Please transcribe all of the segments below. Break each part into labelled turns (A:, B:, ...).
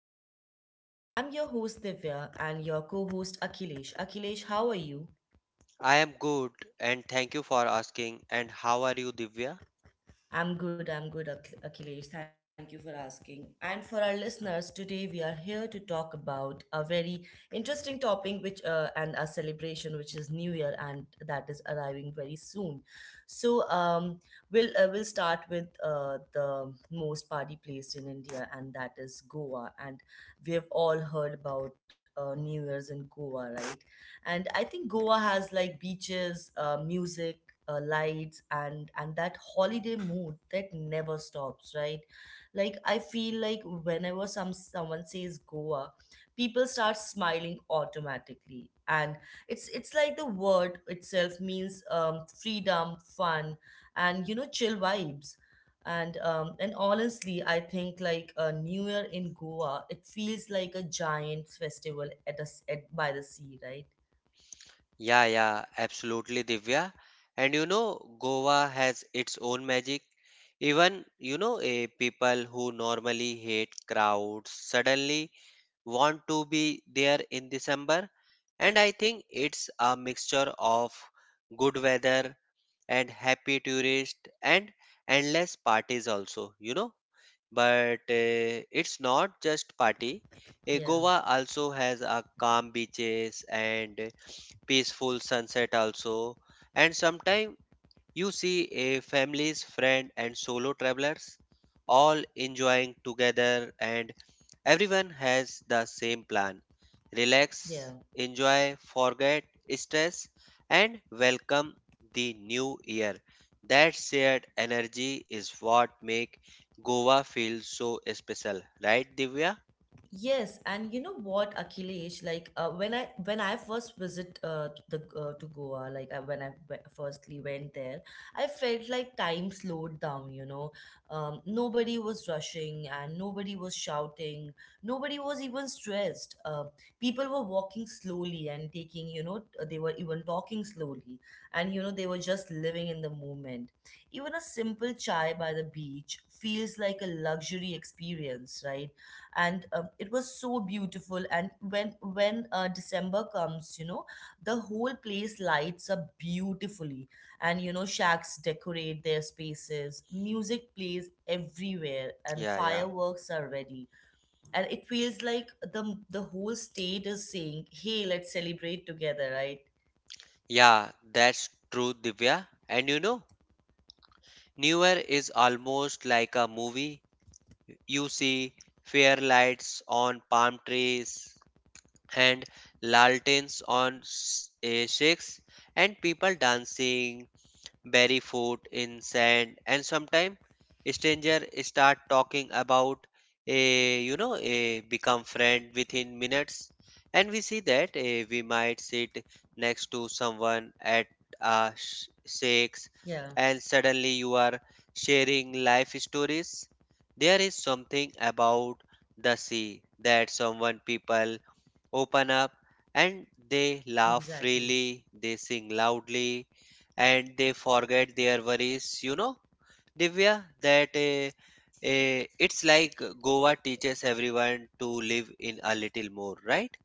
A: podcast series. I'm your host Divya and your co host Akhilesh. Akhilesh, how are you?
B: I am good and thank you for asking. And how are you, Divya?
A: I'm good, Akhilesh. Thank you for asking. And for our listeners, today we are here to talk about a very interesting topic, which and a celebration, which is New Year, and that is arriving very soon. So um, we'll start with the most party place in India, and that is Goa. And we have all heard about New Year's in Goa, right? And I think Goa has like beaches, music, lights, and that holiday mood that never stops, right? Like I feel like whenever someone says Goa, people start smiling automatically, and it's like the word itself means freedom, fun, and you know, chill vibes. And honestly, I think like a new year in Goa, it feels like a giant festival at by the sea, right?
B: Yeah, absolutely, Divya. And you know, Goa has its own magic. Even, you know, people who normally hate crowds suddenly want to be there in December. And I think it's a mixture of good weather and happy tourists and endless parties also, you know. But it's not just party.
A: yeah
B: Goa also has a calm beaches and peaceful sunset also. And sometimes you see a families, friend and solo travelers all enjoying together and everyone has the same plan. Relax,
A: yeah
B: enjoy, forget stress and welcome the new year. That shared energy is what make Goa feel so special, right Divya?
A: Yes, and you know what, Akhilesh, like when I first visit to Goa, like firstly went there, I felt like time slowed down. You know, nobody was rushing and nobody was shouting. Nobody was even stressed. People were walking slowly and taking. You know, they were even talking slowly, and you know, they were just living in the moment. Even a simple chai by the beach feels like a luxury experience, right? And it was so beautiful, and when December comes, you know, the whole place lights up beautifully, and you know, shacks decorate their spaces, music plays everywhere, and
B: Yeah, yeah.
A: fireworks are ready, and it feels like the whole state is saying, hey, let's celebrate together, right?
B: Yeah, that's true, Divya. And you know, New Year is almost like a movie. You see fair lights on palm trees and lanterns on shakes and people dancing bury foot in sand and sometime stranger start talking about a you know a become friend within minutes. And we see that we might sit next to someone at
A: Yeah,
B: a shakes and suddenly you are sharing life stories. There is something about the sea that someone people open up and they
A: exactly.
B: laugh freely, they sing loudly, and they forget their worries. You know, Divya, that it's like Goa teaches everyone to live in a little more, right?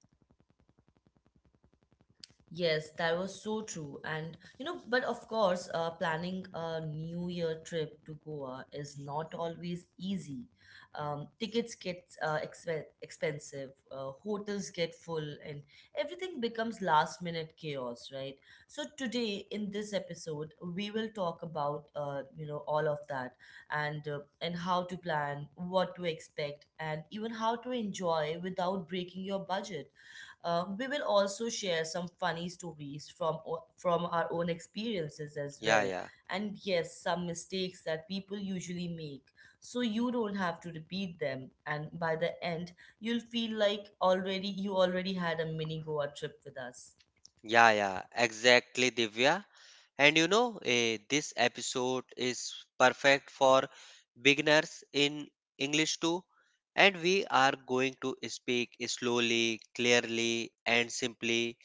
A: Yes, that was so true. And you know, but of course, planning a New Year trip to Goa is not always easy. Tickets get expensive, hotels get full, and everything becomes last minute chaos, right? So today in this episode, we will talk about you know, all of that, and how to plan, what to expect, and even how to enjoy without breaking your budget. We will also share some funny stories from our own experiences as
B: Yeah,
A: well,
B: yeah,
A: and yes, some mistakes that people usually make, so you don't have to repeat them. And by the end, you'll feel like already you already had a mini Goa trip with us.
B: yeah, exactly, Divya. And you know, this episode is perfect for beginners in English too. And we are going to speak slowly, clearly, and simply.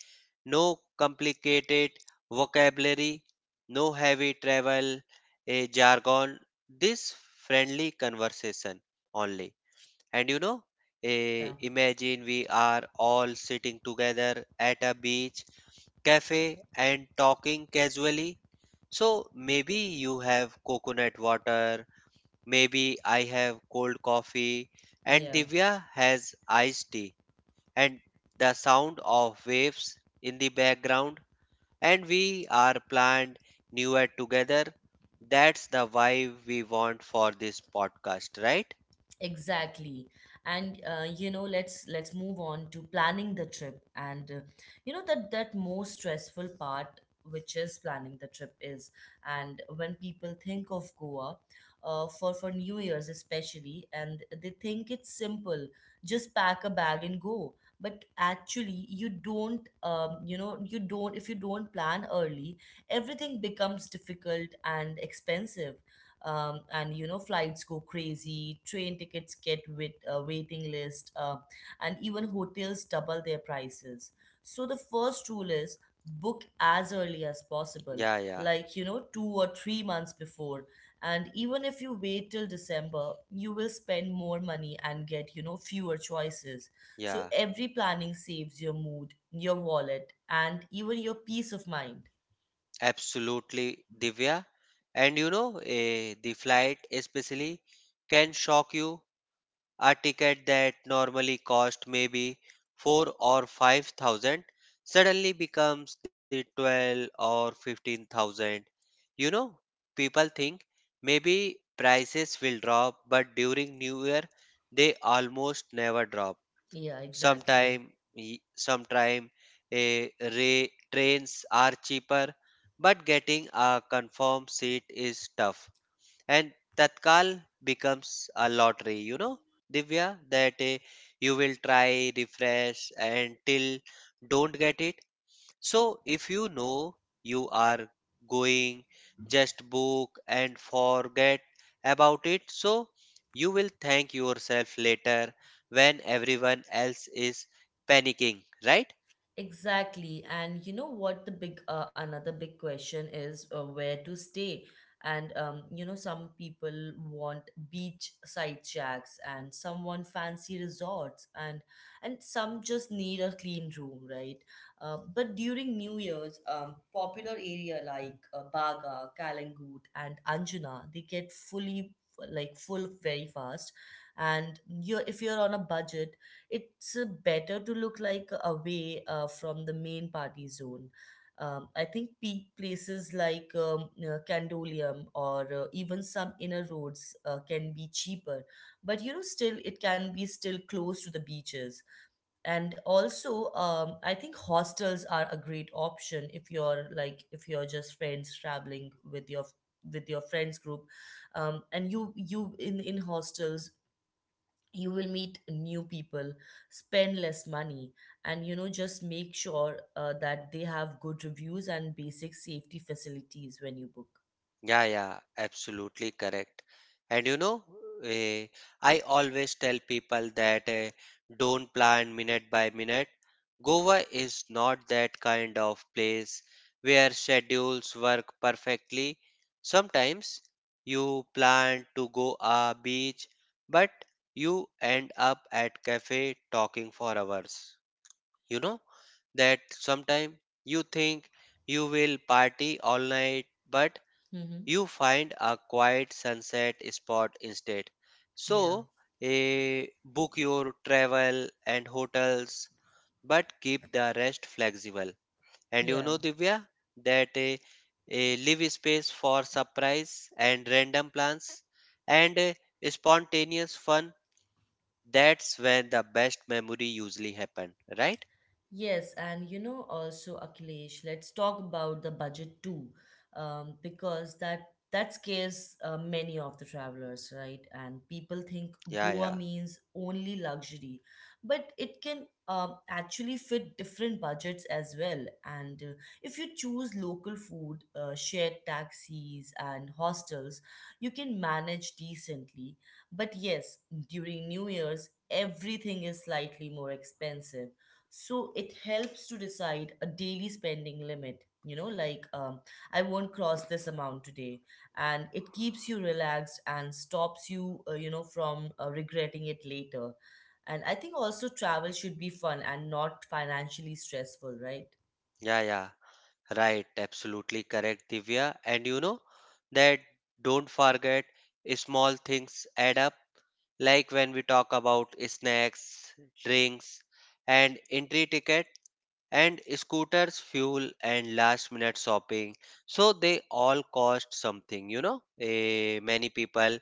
B: No complicated vocabulary, no heavy travel a jargon, this friendly conversation only. And you know,
A: Yeah,
B: imagine we are all sitting together at a beach cafe and talking casually. So maybe you have coconut water, maybe I have cold coffee, and
A: yeah.
B: Divya has iced tea, and the sound of waves in the background and we are planned newer together. That's the vibe we want for this podcast, right?
A: Exactly. And you know, let's move on to planning the trip. And you know, that most stressful part, which is planning the trip, is, and when people think of Goa, for New Year's especially, and they think it's simple, just pack a bag and go. But actually, you don't, you know, you don't. If you don't plan early, everything becomes difficult and expensive, and you know, flights go crazy, train tickets get with a waiting list, and even hotels double their prices. So the first rule is book as early as possible,
B: Yeah, yeah,
A: like you know, 2 or 3 months before. And even if you wait till December, you will spend more money and get, you know, fewer choices. So
B: yeah.
A: every planning saves your mood, your wallet, and even your peace of mind.
B: Absolutely, Divya. And you know, the flight especially can shock you. A ticket that normally cost maybe four or five thousand suddenly becomes the twelve or fifteen thousand. You know, people think maybe prices will drop, but during New Year they almost never drop.
A: Yeah, exactly.
B: Sometime a ray, trains are cheaper, but getting a confirmed seat is tough. And Tatkal becomes a lottery, you know, Divya, that you will try, refresh, and till don't get it. So if you know you are going, just book and forget about it. So you will thank yourself later when everyone else is panicking, right?
A: Exactly. And you know what, the big another big question is, where to stay. And you know, some people want beachside shacks, and some want fancy resorts, and some just need a clean room, right? But during New Year's, popular area like Baga, Kalangut and Anjuna, they get fully, like full very fast. And you, if you're on a budget, it's better to look like away from the main party zone. I think peak places like Candolium or even some inner roads can be cheaper, but you know, still it can be still close to the beaches. And also, I think hostels are a great option, if you're just friends traveling with your friends group. Um, and you you in in hostels, you will meet new people, spend less money, and you know, just make sure that they have good reviews and basic safety facilities when you book.
B: Yeah, absolutely correct. And you know, eh, I always tell people that don't plan minute by minute. Goa is not that kind of place where schedules work perfectly. Sometimes you plan to go a beach, but you end up at cafe talking for hours. You know that sometime you think you will party all night, but
A: Mm-hmm.
B: you find a quiet sunset spot instead.
A: yeah
B: So, book your travel and hotels, but keep the rest flexible. And you
A: yeah
B: know, Divya, that leave space for surprise and random plans and spontaneous fun. That's when the best memory usually happen, right?
A: Yes, and you know, also Akhilesh, let's talk about the budget too, because that scares many of the travelers, right? And people think
B: Yeah,
A: Goa
B: yeah,
A: means only luxury, but it can actually fit different budgets as well. And if you choose local food, shared taxis, and hostels, you can manage decently. But yes, during New Year's, everything is slightly more expensive, so it helps to decide a daily spending limit. You know, like, I won't cross this amount today, and it keeps you relaxed and stops you, you know, from regretting it later. And I think also travel should be fun and not financially stressful, right?
B: yeah, yeah. Right, absolutely correct, Divya. And you know that don't forget small things add up. Like when we talk about snacks, drinks, and entry ticket, and scooters, fuel, and last minute shopping. So they all cost something, you know. Many people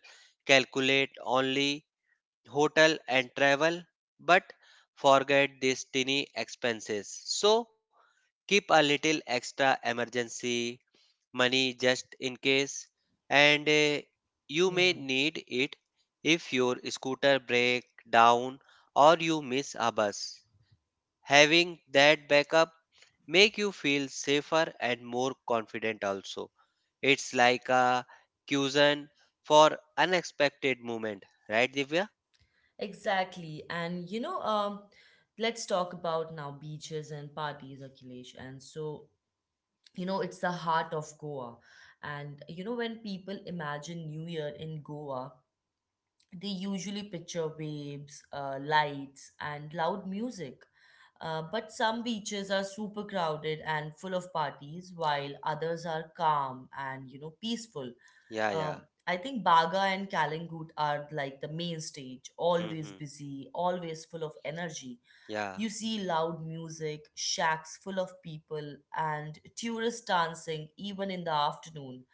B: calculate only hotel and travel, but forget these tiny expenses. So keep a little extra emergency money just in case and you
A: Yeah,
B: may need it if your scooter breaks down or you miss a bus, having that backup make you feel safer and more confident also. It's like a cushion for unexpected moment, right Divya?
A: exactly. And you know, let's talk about now beaches and parties, Akhilesh. And so, you know, it's the heart of Goa. And you know, when people imagine New Year in Goa, they usually picture waves, lights, and loud music. But some beaches are super crowded and full of parties, while others are calm, and you know, peaceful.
B: yeah yeah
A: I think Baga and Kalingut are like the main stage, always
B: hmm
A: busy, always full of energy.
B: yeah
A: You see loud music, shacks full of people, and tourists dancing even in the afternoon.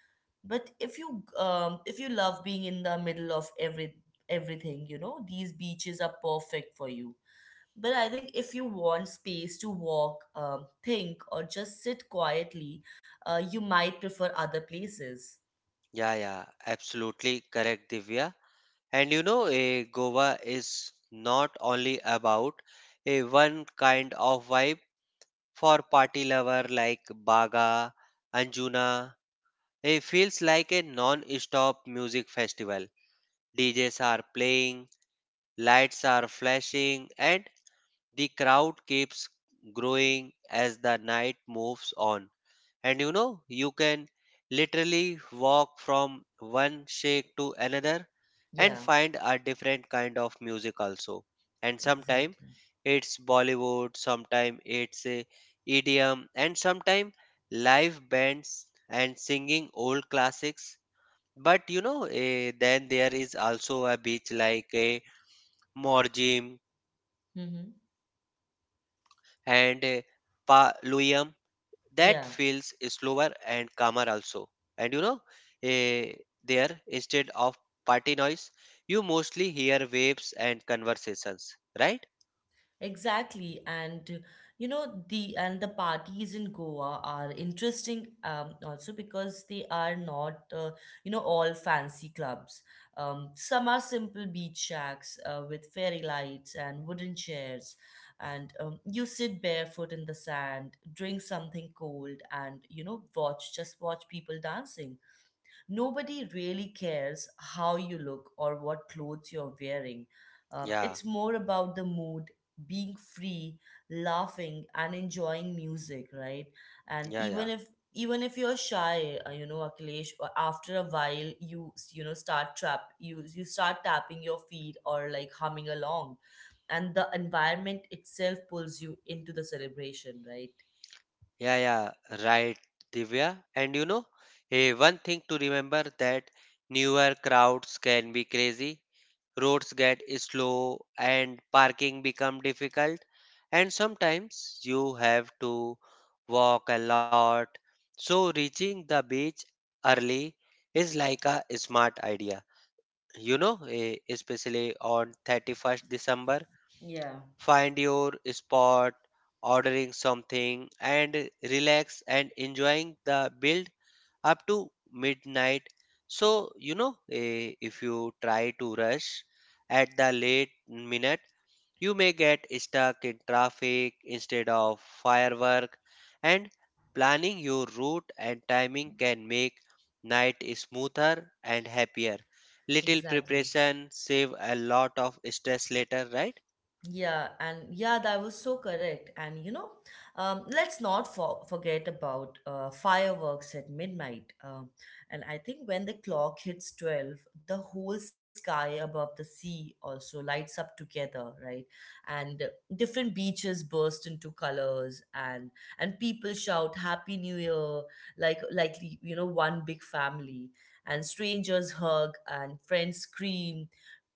A: But if you, love being in the middle of everything, you know, these beaches are perfect for you. But I think if you want space to walk, think, or just sit quietly, you might prefer other places.
B: yeah yeah absolutely correct, Divya. And you know, a Goa is not only about a one kind of vibe for party lover like Baga, Anjuna. It feels like a non-stop music festival. DJs are playing, lights are flashing, and the crowd keeps growing as the night moves on. And you know, you can literally walk from one shake to another and
A: Yeah,
B: find a different kind of music also. And sometimes
A: exactly.
B: it's Bollywood, sometimes it's a EDM, and sometimes live bands and singing old classics. But you know, then there is also a beach like a Morjim
A: Mm-hmm.
B: and Paluyam that feels slower
A: Yeah.
B: and calmer also. And you know eh, there instead of party noise you mostly hear waves and conversations, right?
A: Exactly, and you know, the parties in Goa are interesting, also because they are not, you know, all fancy clubs. Some are simple beach shacks with fairy lights and wooden chairs, and you sit barefoot in the sand, drink something cold, and you know, watch just watch people dancing. Nobody really cares how you look or what clothes you're wearing. It's
B: yeah
A: more about the mood, being free, laughing, and enjoying music, right? And
B: yeah yeah
A: even if you're shy, you know, Akhilesh, after a while, you start tapping your feet or like humming along, and the environment itself pulls you into the celebration, right?
B: yeah yeah right Divya. And you know one thing to remember that newer crowds can be crazy. Roads get slow and parking become difficult, and sometimes you have to walk a lot. So reaching the beach early is like a smart idea, you know, especially on 31st december.
A: Yeah.
B: Find your spot, ordering something, and relax and enjoying the build up to midnight. So, you know, if you try to rush at the late minute, you may get stuck in traffic instead of firework, and planning your route and timing can make night smoother and happier. Little
A: Exactly.
B: preparation save a lot of stress later, right?
A: Yeah, and yeah, that was so correct. And you know, let's not forget about fireworks at midnight. And I think when the clock hits 12, the whole sky above the sea also lights up together, right? And different beaches burst into colors, and people shout Happy New Year, like, you know, one big family. And strangers hug, and friends scream.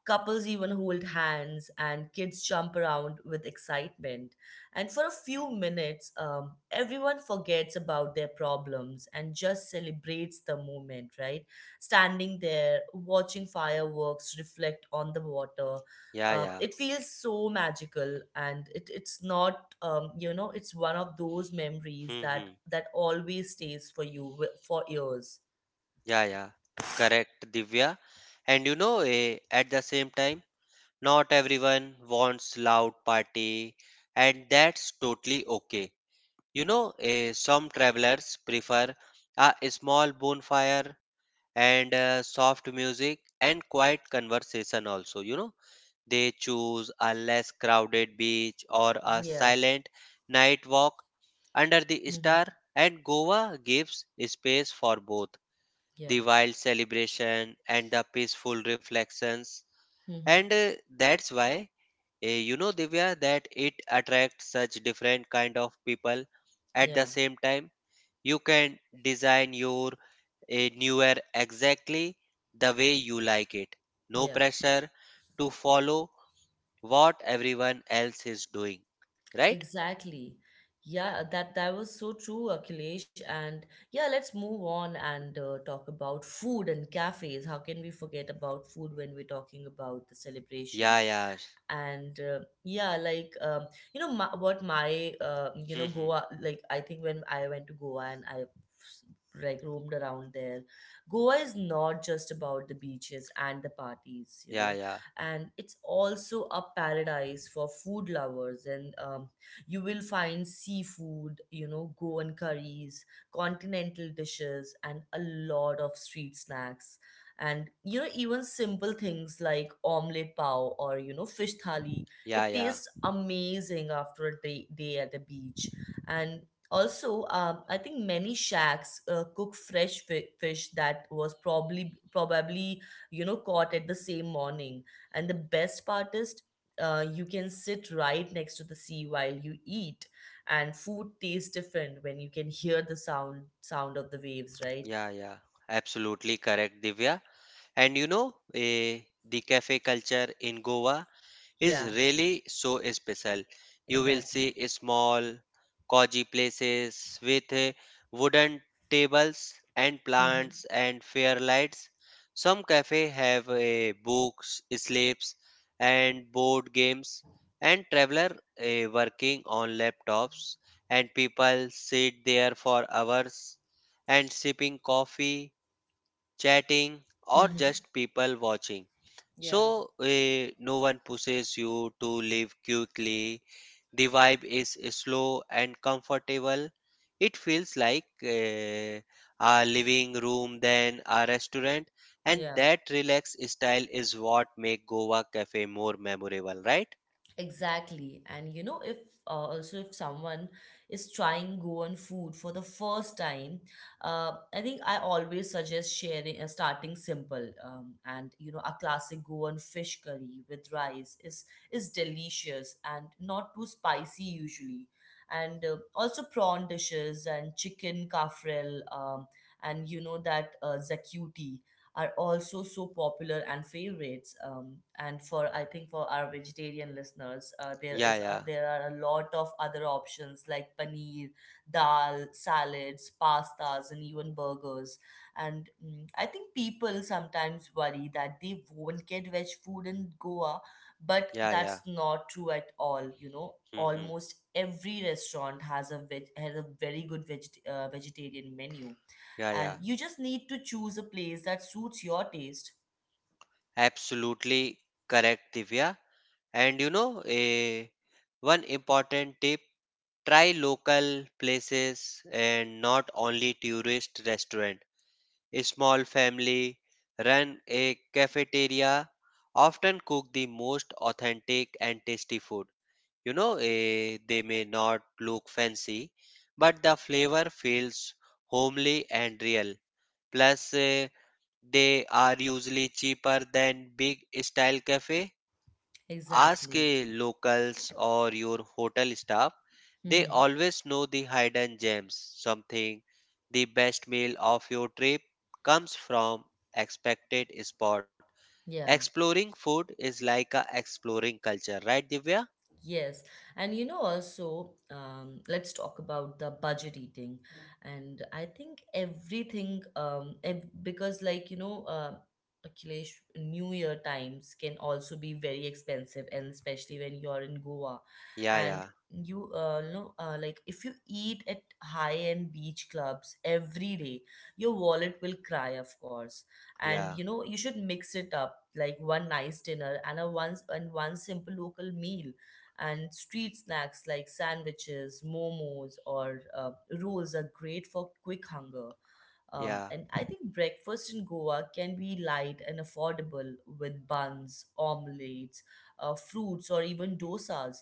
A: Couples even hold hands, and kids jump around with excitement. And for a few minutes, everyone forgets about their problems and just celebrates the moment, right? Standing there, watching fireworks reflect on the water.
B: Yeah, yeah.
A: It feels so magical, and it's not, you know, it's one of those memories that
B: Mm-hmm.
A: always stays for you for years.
B: Yeah, yeah. Correct, Divya. And you know, at the same time, not everyone wants loud party, and that's totally okay. You know, some travelers prefer a small bonfire and soft music and quiet conversation also, you know. They choose a less crowded beach or a
A: Yeah
B: silent night walk under the
A: hmm
B: star, and Goa gives space for both
A: yeah
B: the wild celebration and the peaceful reflections
A: hmm
B: and that's why you know Divya that it attracts such different kind of people at the
A: yeah
B: same time. You can design your a newer exactly the way you like it. No
A: yeah
B: pressure to follow what everyone else is doing. Right?
A: Exactly. Yeah, that that was so true, Akhilesh. And yeah, let's move on and talk about food and cafes. How can we forget about food when we're talking about the celebration?
B: Yeah, yeah.
A: And yeah like You know, my, what my you know,
B: hmm
A: Goa, like I think when I went to Goa and I, like, roamed around there, Goa is not just about the beaches and the parties, you
B: Yeah,
A: know,
B: yeah.
A: and it's also a paradise for food lovers. And You will find seafood, you know, Goan curries, continental dishes, and a lot of street snacks. And you know, even simple things like omelette pao, or you know, fish thali,
B: Yeah,
A: it
B: yeah.
A: tastes amazing after day at the beach. And also, I think many shacks cook fresh fish that was probably, you know, caught at the same morning. And the best part is, you can sit right next to the sea while you eat, and food tastes different when you can hear the sound of the waves, right?
B: Yeah, yeah. Absolutely correct, Divya. And you know, the cafe culture in Goa is
A: Yeah,
B: really so special. You will
A: exactly.
B: see small, cozy places with wooden tables and plants and fair lights. Some cafe have books, slips, and board games, and traveler working on laptops, and people sit there for hours and sipping coffee chatting, or
A: Mm-hmm.
B: just people watching.
A: Yeah.
B: So, no one pushes you to leave quickly. The vibe is slow and comfortable. It feels like a living room than a restaurant, and
A: Yeah,
B: that relaxed style is what make Goa cafe more memorable, right?
A: exactly. And you know, if also, if someone is trying Goan food for the first time, I think I always suggest sharing starting simple. And you know, a classic Goan fish curry with rice is delicious and not too spicy usually. And also prawn dishes and chicken kafrel, and that zakuti are also so popular and favorites. And for I think for our vegetarian listeners,
B: Yeah, yeah,
A: there are a lot of other options like paneer, dal, salads, pastas, and even burgers. And I think people sometimes worry that they won't get veg food in Goa, but
B: yeah, yeah.
A: that's not true at all. You know,
B: hmm
A: almost every restaurant has a very good vegetarian menu,
B: Yeah, yeah.
A: and you just need to choose a place that suits your taste.
B: Absolutely correct, Divya. And you know, one important tip. Try local places and not only tourist restaurant. A small family run a cafeteria often cook the most authentic and tasty food. You know, they may not look fancy, but the flavor feels homely and real. Plus, they are usually cheaper than big style cafe. Ask
A: Exactly.
B: a locals or your hotel staff. They
A: Hmm.
B: always know the hidden gems. Something the best meal of your trip comes from expected spot.
A: Yeah.
B: Exploring food is like a exploring culture, right Divya?
A: Yes, and let's talk about the budget eating. And I think everything, ev- because, like, you know, Akhilesh, New Year times can also be very expensive, and especially when you're in Goa.
B: Yeah, yeah,
A: And if you eat at high-end beach clubs every day, your wallet will cry, of course. And,
B: yeah,
A: you know, you should mix it up, like one nice dinner and a once and one simple local meal and street snacks like sandwiches, momos, or rolls are great for quick hunger.
B: yeah.
A: And I think breakfast in Goa can be light and affordable with buns, omelets, fruits, or even dosas.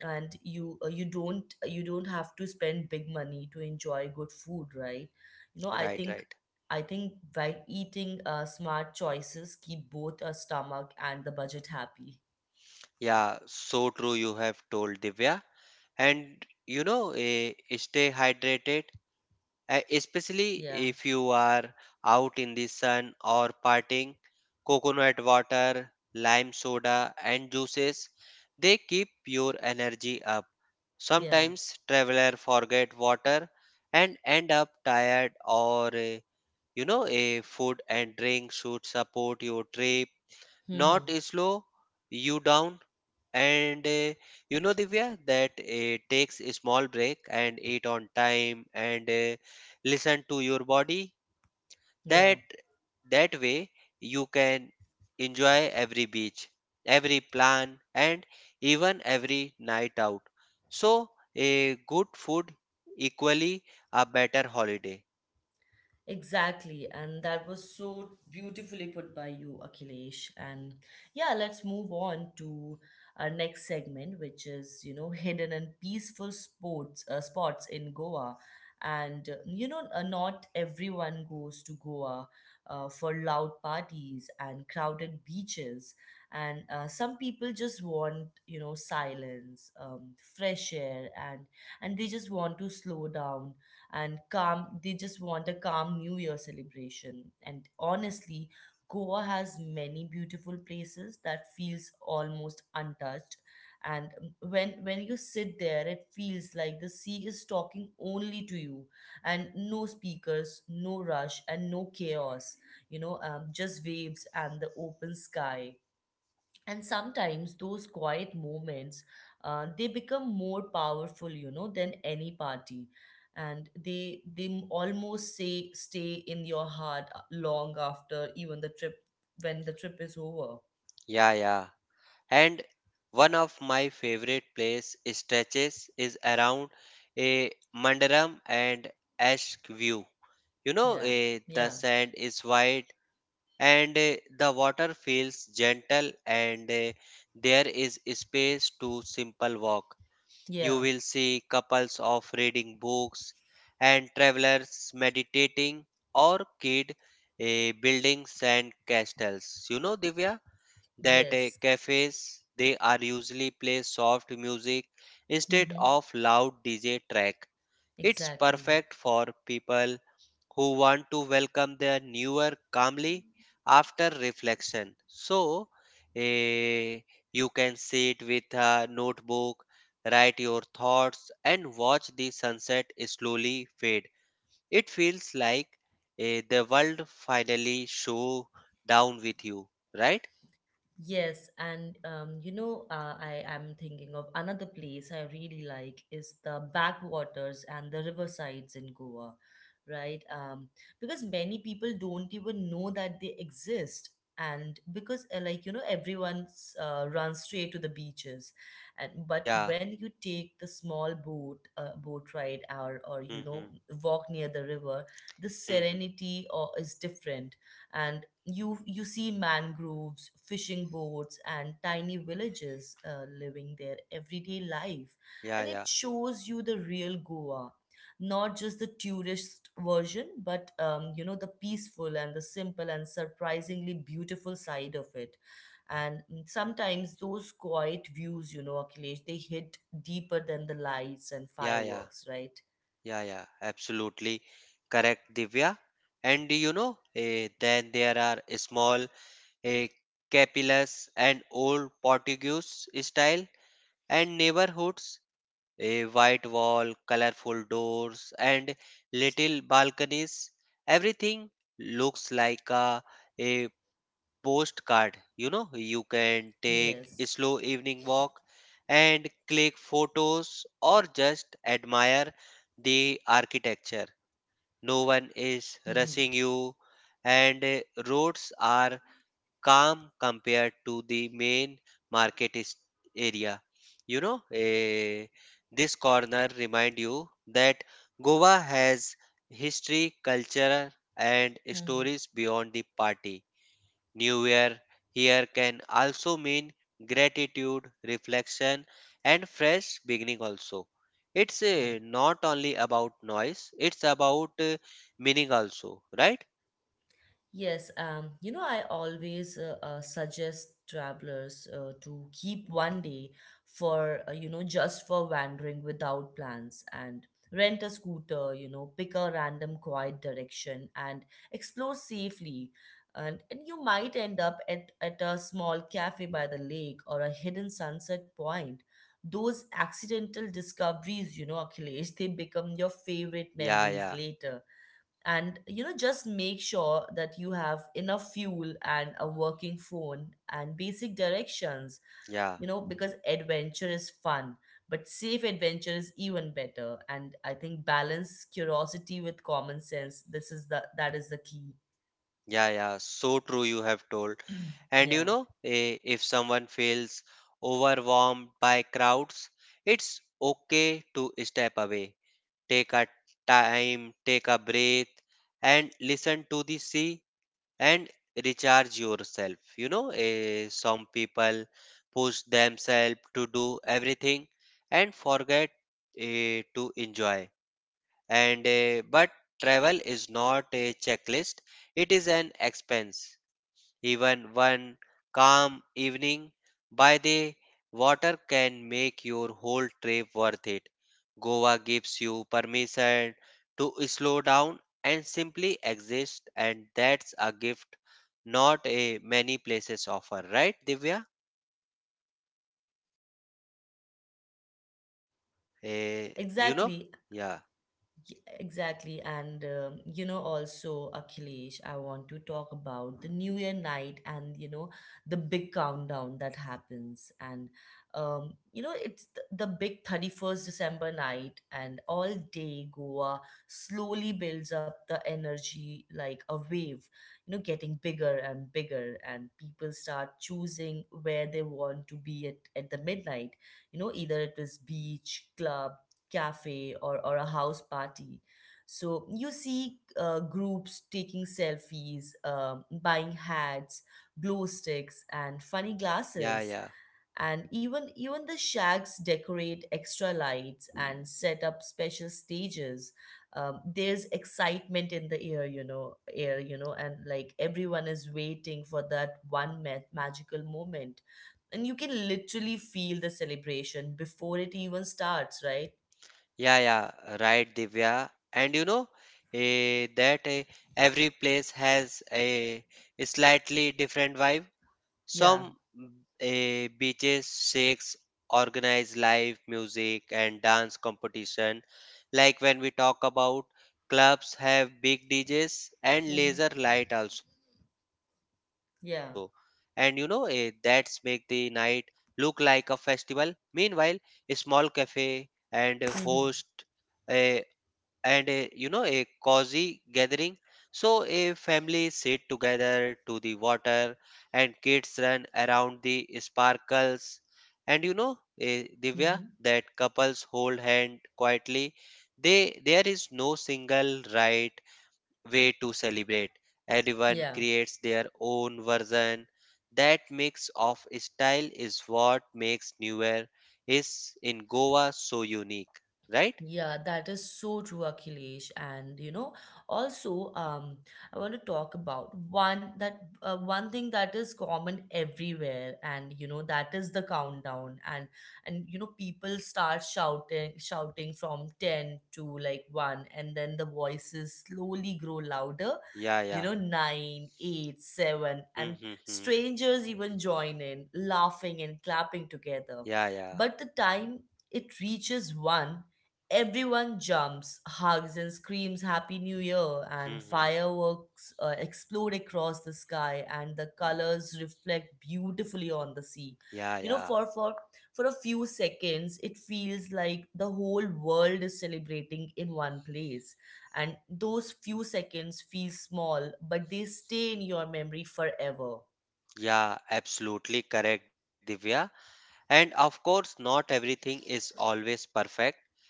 A: And you don't have to spend big money to enjoy good food, right? You know, I
B: Right,
A: think
B: right.
A: I think by eating smart choices, keep both our stomach and the budget happy.
B: Yeah, so true you have told Divya. And you know, stay hydrated. Especially
A: Yeah,
B: if you are out in the sun or partying, coconut water, lime soda, and juices, they keep your energy up.
A: yeah.
B: Sometimes traveler forget water and end up tired or you know a food and drink should support your trip,
A: Hmm.
B: not slow you down. And you know, Divya, that it takes a small break and eat on time and listen to your body.
A: Yeah.
B: That that way you can enjoy every beach, every plan, and even every night out. So a good food equally a better holiday.
A: Exactly, and that was so beautifully put by you, Akhilesh. And yeah, let's move on to our next segment, which is hidden and peaceful sports spots in Goa. And not everyone goes to Goa for loud parties and crowded beaches. And some people just want silence, fresh air, and they just want to slow down and calm they just want a calm new year celebration. And honestly, Goa has many beautiful places that feels almost untouched, and when you sit there it feels like the sea is talking only to you, and no speakers, no rush, and no chaos. Just waves and the open sky, and sometimes those quiet moments, they become more powerful, you know, than any party. And almost say stay in your heart long after even the trip, when the trip is over
B: Yeah, yeah. And one of my favorite place stretches is around a Mandaram and Ash view. You know,
A: yeah,
B: the
A: yeah,
B: sand is white and the water feels gentle, and there is space to simple walk. You
A: yeah.
B: will see couples of reading books and travelers meditating or kid building sand castles. You know, Divya, that
A: Yes.
B: cafes they are usually play soft music instead
A: Mm-hmm.
B: of loud DJ track. It's
A: Exactly.
B: perfect for people who want to welcome their newer calmly after reflection. So, eh, you can sit with a notebook, write your thoughts, and watch the sunset slowly fade. It feels like the world finally show down with you, right?
A: Yes, and I am thinking of another place I really like is the backwaters and the riversides in Goa, right? Because many people don't even know that they exist, and because everyone runs straight to the beaches, and but
B: Yeah.
A: when you take the small boat ride, or
B: Mm-hmm.
A: walk near the river, the
B: hmm
A: serenity or is different, and you see mangroves, fishing boats, and tiny villages living their everyday life.
B: Yeah,
A: And it
B: yeah,
A: shows you the real Goa, not just the tourist version, but the peaceful and the simple and surprisingly beautiful side of it. And sometimes those quiet views, you know, Akhilesh, they hit deeper than the lights and
B: yeah, yeah,
A: fireworks, right?
B: yeah, yeah. Absolutely correct, Divya. And you know, then there are small eh, capillas and old Portuguese style and neighborhoods, a white wall, colorful doors, and little balconies. Everything looks like a postcard. You know, you can take a
A: Yes.
B: slow evening walk and click photos or just admire the architecture. No one is
A: Mm-hmm.
B: rushing you, and roads are calm compared to the main market is- area. You know, eh, this corner remind you that Goa has history, culture, and
A: Mm-hmm.
B: stories beyond the party. New Year here can also mean gratitude, reflection, and fresh beginning also. It's
A: Yeah.
B: not only about noise, it's about meaning also, right?
A: Yes, you know, I always suggest travelers to keep one day for, just for wandering without plans, and rent a scooter, you know, pick a random quiet direction and explore safely. And, you might end up at a small cafe by the lake, or a hidden sunset point. Those accidental discoveries, you know, Akhilesh, they become your favorite
B: Yeah,
A: memories
B: yeah,
A: later. And you know, just make sure that you have enough fuel and a working phone and basic directions,
B: yeah,
A: you know, because adventure is fun, but safe adventure is even better. And I think balance curiosity with common sense, this is the that is the key.
B: yeah. So true, you have told. And
A: Yeah.
B: if someone feels overwhelmed by crowds, it's okay to step away. Take a time, take a breath, and listen to the sea and recharge yourself. Some people push themselves to do everything and forget to enjoy. And but travel is not a checklist; it is an expense. Even one calm evening by the water can make your whole trip worth it. Goa gives you permission to slow down and simply exist, and that's a gift not a many places offer, right, Divya? Eh, you know?
A: Exactly.
B: Yeah,
A: Exactly, and you know, also Akhilesh, I want to talk about the New Year night, and the big countdown that happens. And it's the big 31st December night, and all day Goa slowly builds up the energy like a wave, you know, getting bigger and bigger, and people start choosing where they want to be at the midnight, you know, either it was beach, club, cafe, or a house party. So you see groups taking selfies, buying hats, glow sticks, and funny
B: yeah,
A: glasses.
B: yeah,
A: And even the shacks decorate extra lights and set up special stages. There's excitement in the air, and like everyone is waiting for that magical moment, and you can literally feel the celebration before it even starts, right?
B: yeah, right, Divya. And eh, that eh, every place has a slightly different vibe.
A: Yeah.
B: Some beaches shakes organize live music and dance competition. Like when we talk about clubs have big DJs and
A: Hmm.
B: laser light also. And
A: Yeah.
B: that's make the night look like a festival. Meanwhile, a small cafe and a host
A: Hmm.
B: eh, and a, you know a cozy gathering so a family sit together to the water and kids run around the sparkles and divya
A: Hmm.
B: that couples hold hand quietly. They there is no single right way to celebrate. Everyone
A: Yeah.
B: creates their own version. That mix of style is what makes new year is in goa so unique, right?
A: Yeah, that is so true, Akhilesh. And also, um, I want to talk about one thing that is common everywhere, and you know, that is the countdown. And people start shouting from ten to like one, and then the voices slowly grow louder.
B: yeah
A: You
B: yeah
A: know, nine, eight, seven, and
B: Mm-hmm.
A: strangers even join in, laughing and clapping together.
B: Yeah, yeah.
A: But the time it reaches one, everyone jumps, hugs, and screams Happy New Year, and
B: Mm-hmm.
A: fireworks explode across the sky, and the colors reflect beautifully on the sea.
B: Yeah,
A: You know,
B: yeah.
A: for a few seconds, it feels like the whole world is celebrating in one place. And those few seconds feel small, but they stay in your memory forever.
B: Yeah, absolutely correct, Divya. And of course, not everything is always perfect,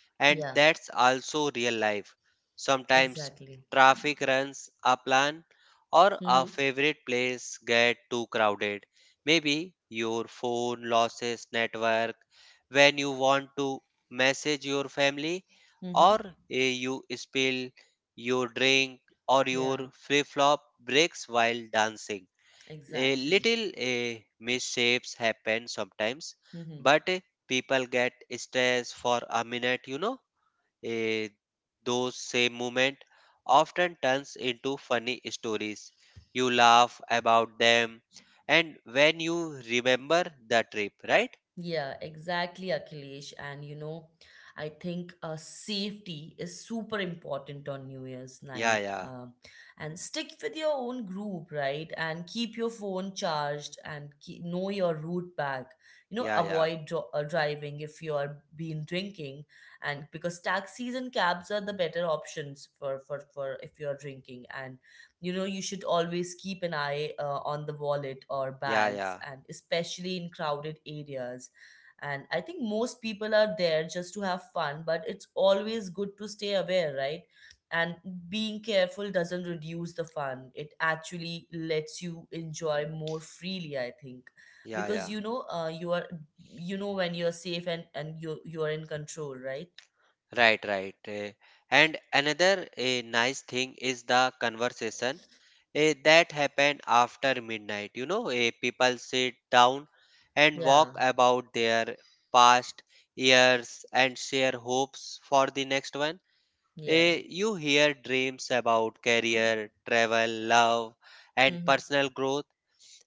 B: and
A: Yeah,
B: that's also real life. Sometimes
A: exactly.
B: traffic runs a plan or a
A: Mm-hmm.
B: favorite place get too crowded. Maybe your phone loses network when you want to message your family
A: Mm-hmm.
B: or you spill your drink or
A: Yeah,
B: your flip-flop breaks while dancing. A
A: exactly.
B: little misshapes happen sometimes,
A: Mm-hmm.
B: but people get stressed for a minute, you know. Eh, those same moment often turns into funny stories. You laugh about them, and when you remember the trip, right?
A: Yeah, exactly, Akhilesh. And you know, I think safety is super important on New Year's
B: Yeah,
A: night.
B: yeah,
A: And Stick with your own group, right? And keep your phone charged, and know your route back. You know,
B: yeah, yeah,
A: avoid driving if you are been drinking, and because taxis and cabs are the better options for if you are drinking. And you know, you should always keep an eye on the wallet or
B: yeah,
A: bags,
B: yeah,
A: and especially in crowded areas. And I think most people are there just to have fun, but it's always good to stay aware, right? And being careful doesn't reduce the fun, it actually lets you enjoy more freely, I think.
B: yeah,
A: Because
B: yeah.
A: you know when you're safe, and you are in control, right?
B: Right, right. And another nice thing is the conversation that happened after midnight. People sit down and walk
A: Yeah,
B: about their past years and share hopes for the next one.
A: yeah.
B: You hear dreams about career, travel, love, and personal
A: Hmm.
B: growth.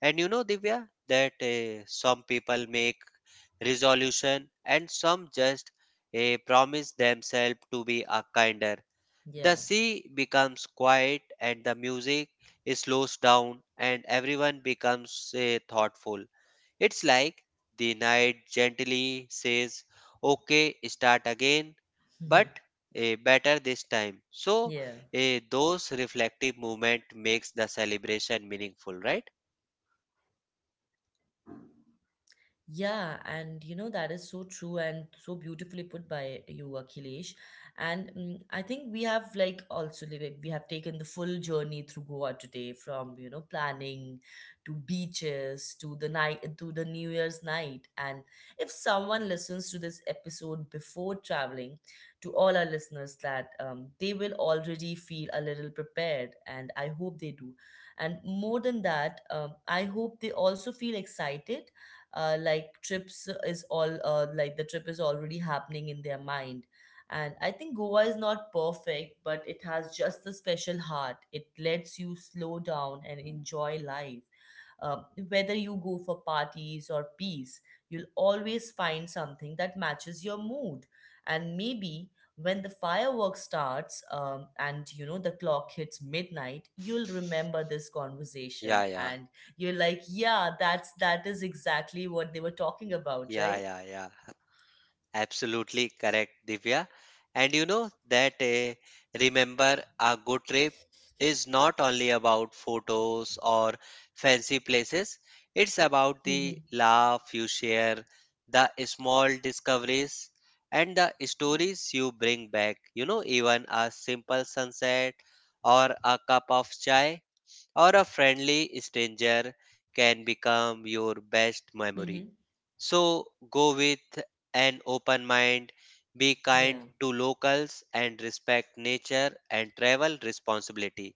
B: And you know, Divya, that some people make resolution, and some just promise themselves to be a kinder. The sea
A: Yeah.
B: becomes quiet and the music slows down and everyone becomes thoughtful. It's like the night gently says, "Okay, start again, but better this time." So those
A: Yeah.
B: reflective movement makes the celebration meaningful, right?
A: Yeah, and you know that is so true and so beautifully put by you, Akhilesh. And I think we have like also like we have taken the full journey through Goa today, from you know planning to beaches to the night to the New Year's night. And if someone listens to this episode before traveling, to all our listeners, that they will already feel a little prepared, and I hope they do. And more than that, I hope they also feel excited. Like trips is all like The trip is already happening in their mind. And I think Goa is not perfect, but it has just the special heart. It lets you slow down and enjoy life. Uh, Whether you go for parties or peace, you'll always find something that matches your mood. And maybe when the fireworks starts, and you know the clock hits midnight, you'll remember this
B: Yeah,
A: conversation,
B: yeah,
A: and you're like, yeah, that is exactly what they were talking about,
B: yeah,
A: right?
B: yeah, yeah. Absolutely correct, Divya. And you know that remember, a good trip is not only about photos or fancy places, it's about the
A: Mm-hmm.
B: laugh you share, the small discoveries, and the stories you bring back. You know, even a simple sunset or a cup of chai or a friendly stranger can become
A: Mm-hmm.
B: your best memory. So go with an open mind,
A: Yeah,
B: be kind to locals and respect nature and travel responsibility.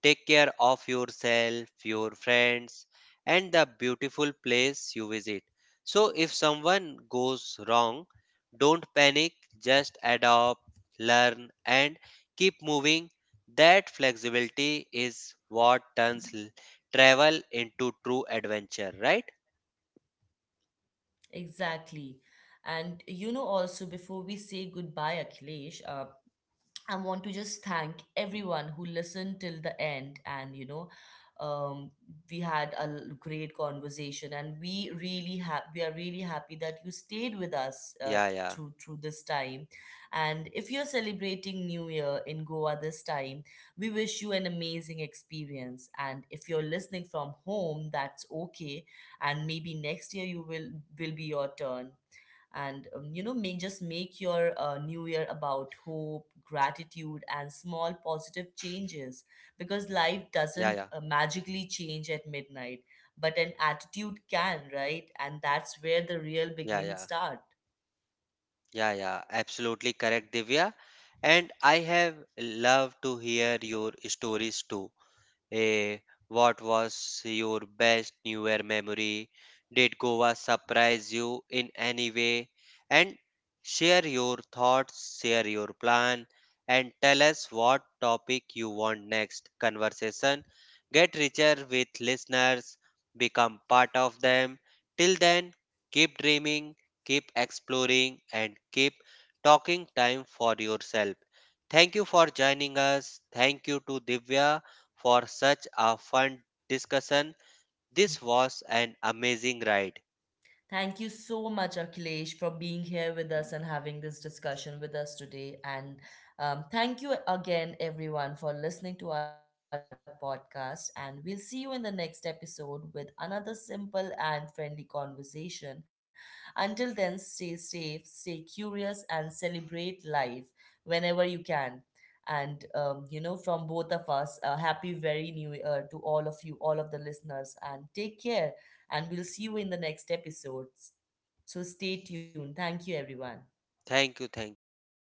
B: Take care of yourself, your friends and the beautiful place you visit. So if someone goes wrong, don't panic, just adopt, learn and keep moving. That flexibility is what turns travel into true adventure, right?
A: exactly. And you know, also before we say goodbye, Akhilesh, I want to just thank everyone who listened till the end. And, you know, um, we had a great conversation, and we really we are really happy that you stayed with us
B: Yeah, yeah.
A: through this time. And if you're celebrating New Year in Goa this time, we wish you an amazing experience. And if you're listening from home, that's okay. And maybe next year will be your turn, and may just make your new year about hope, gratitude, and small positive
B: Yeah,
A: changes,
B: yeah.
A: because life doesn't magically change at midnight, but an attitude can, right? And that's where the real
B: Yeah, yeah,
A: beginnings start.
B: yeah, absolutely correct, Divya. And I have loved to hear your stories too. Eh, what was your best New Year memory? Did Goa surprise you in any way? And share your thoughts, share your plan, and tell us what topic you want next conversation. Get richer with listeners, become part of them. Till then, keep dreaming, keep exploring, and keep talking time for yourself. Thank you for joining us. Thank you to Divya for such a fun discussion. This was an amazing ride.
A: Thank you so much, Akhilesh, for being here with us and having this discussion with us today. And thank you again, everyone, for listening to our podcast. And we'll see you in the next episode with another simple and friendly conversation. Until then, stay safe, stay curious, and celebrate life whenever you can. And, from both of us, a happy very new year to all of you, all of the listeners, and take care. And we'll see you in the next episodes. So stay tuned. Thank you, everyone.
B: Thank you, thank you. Bye.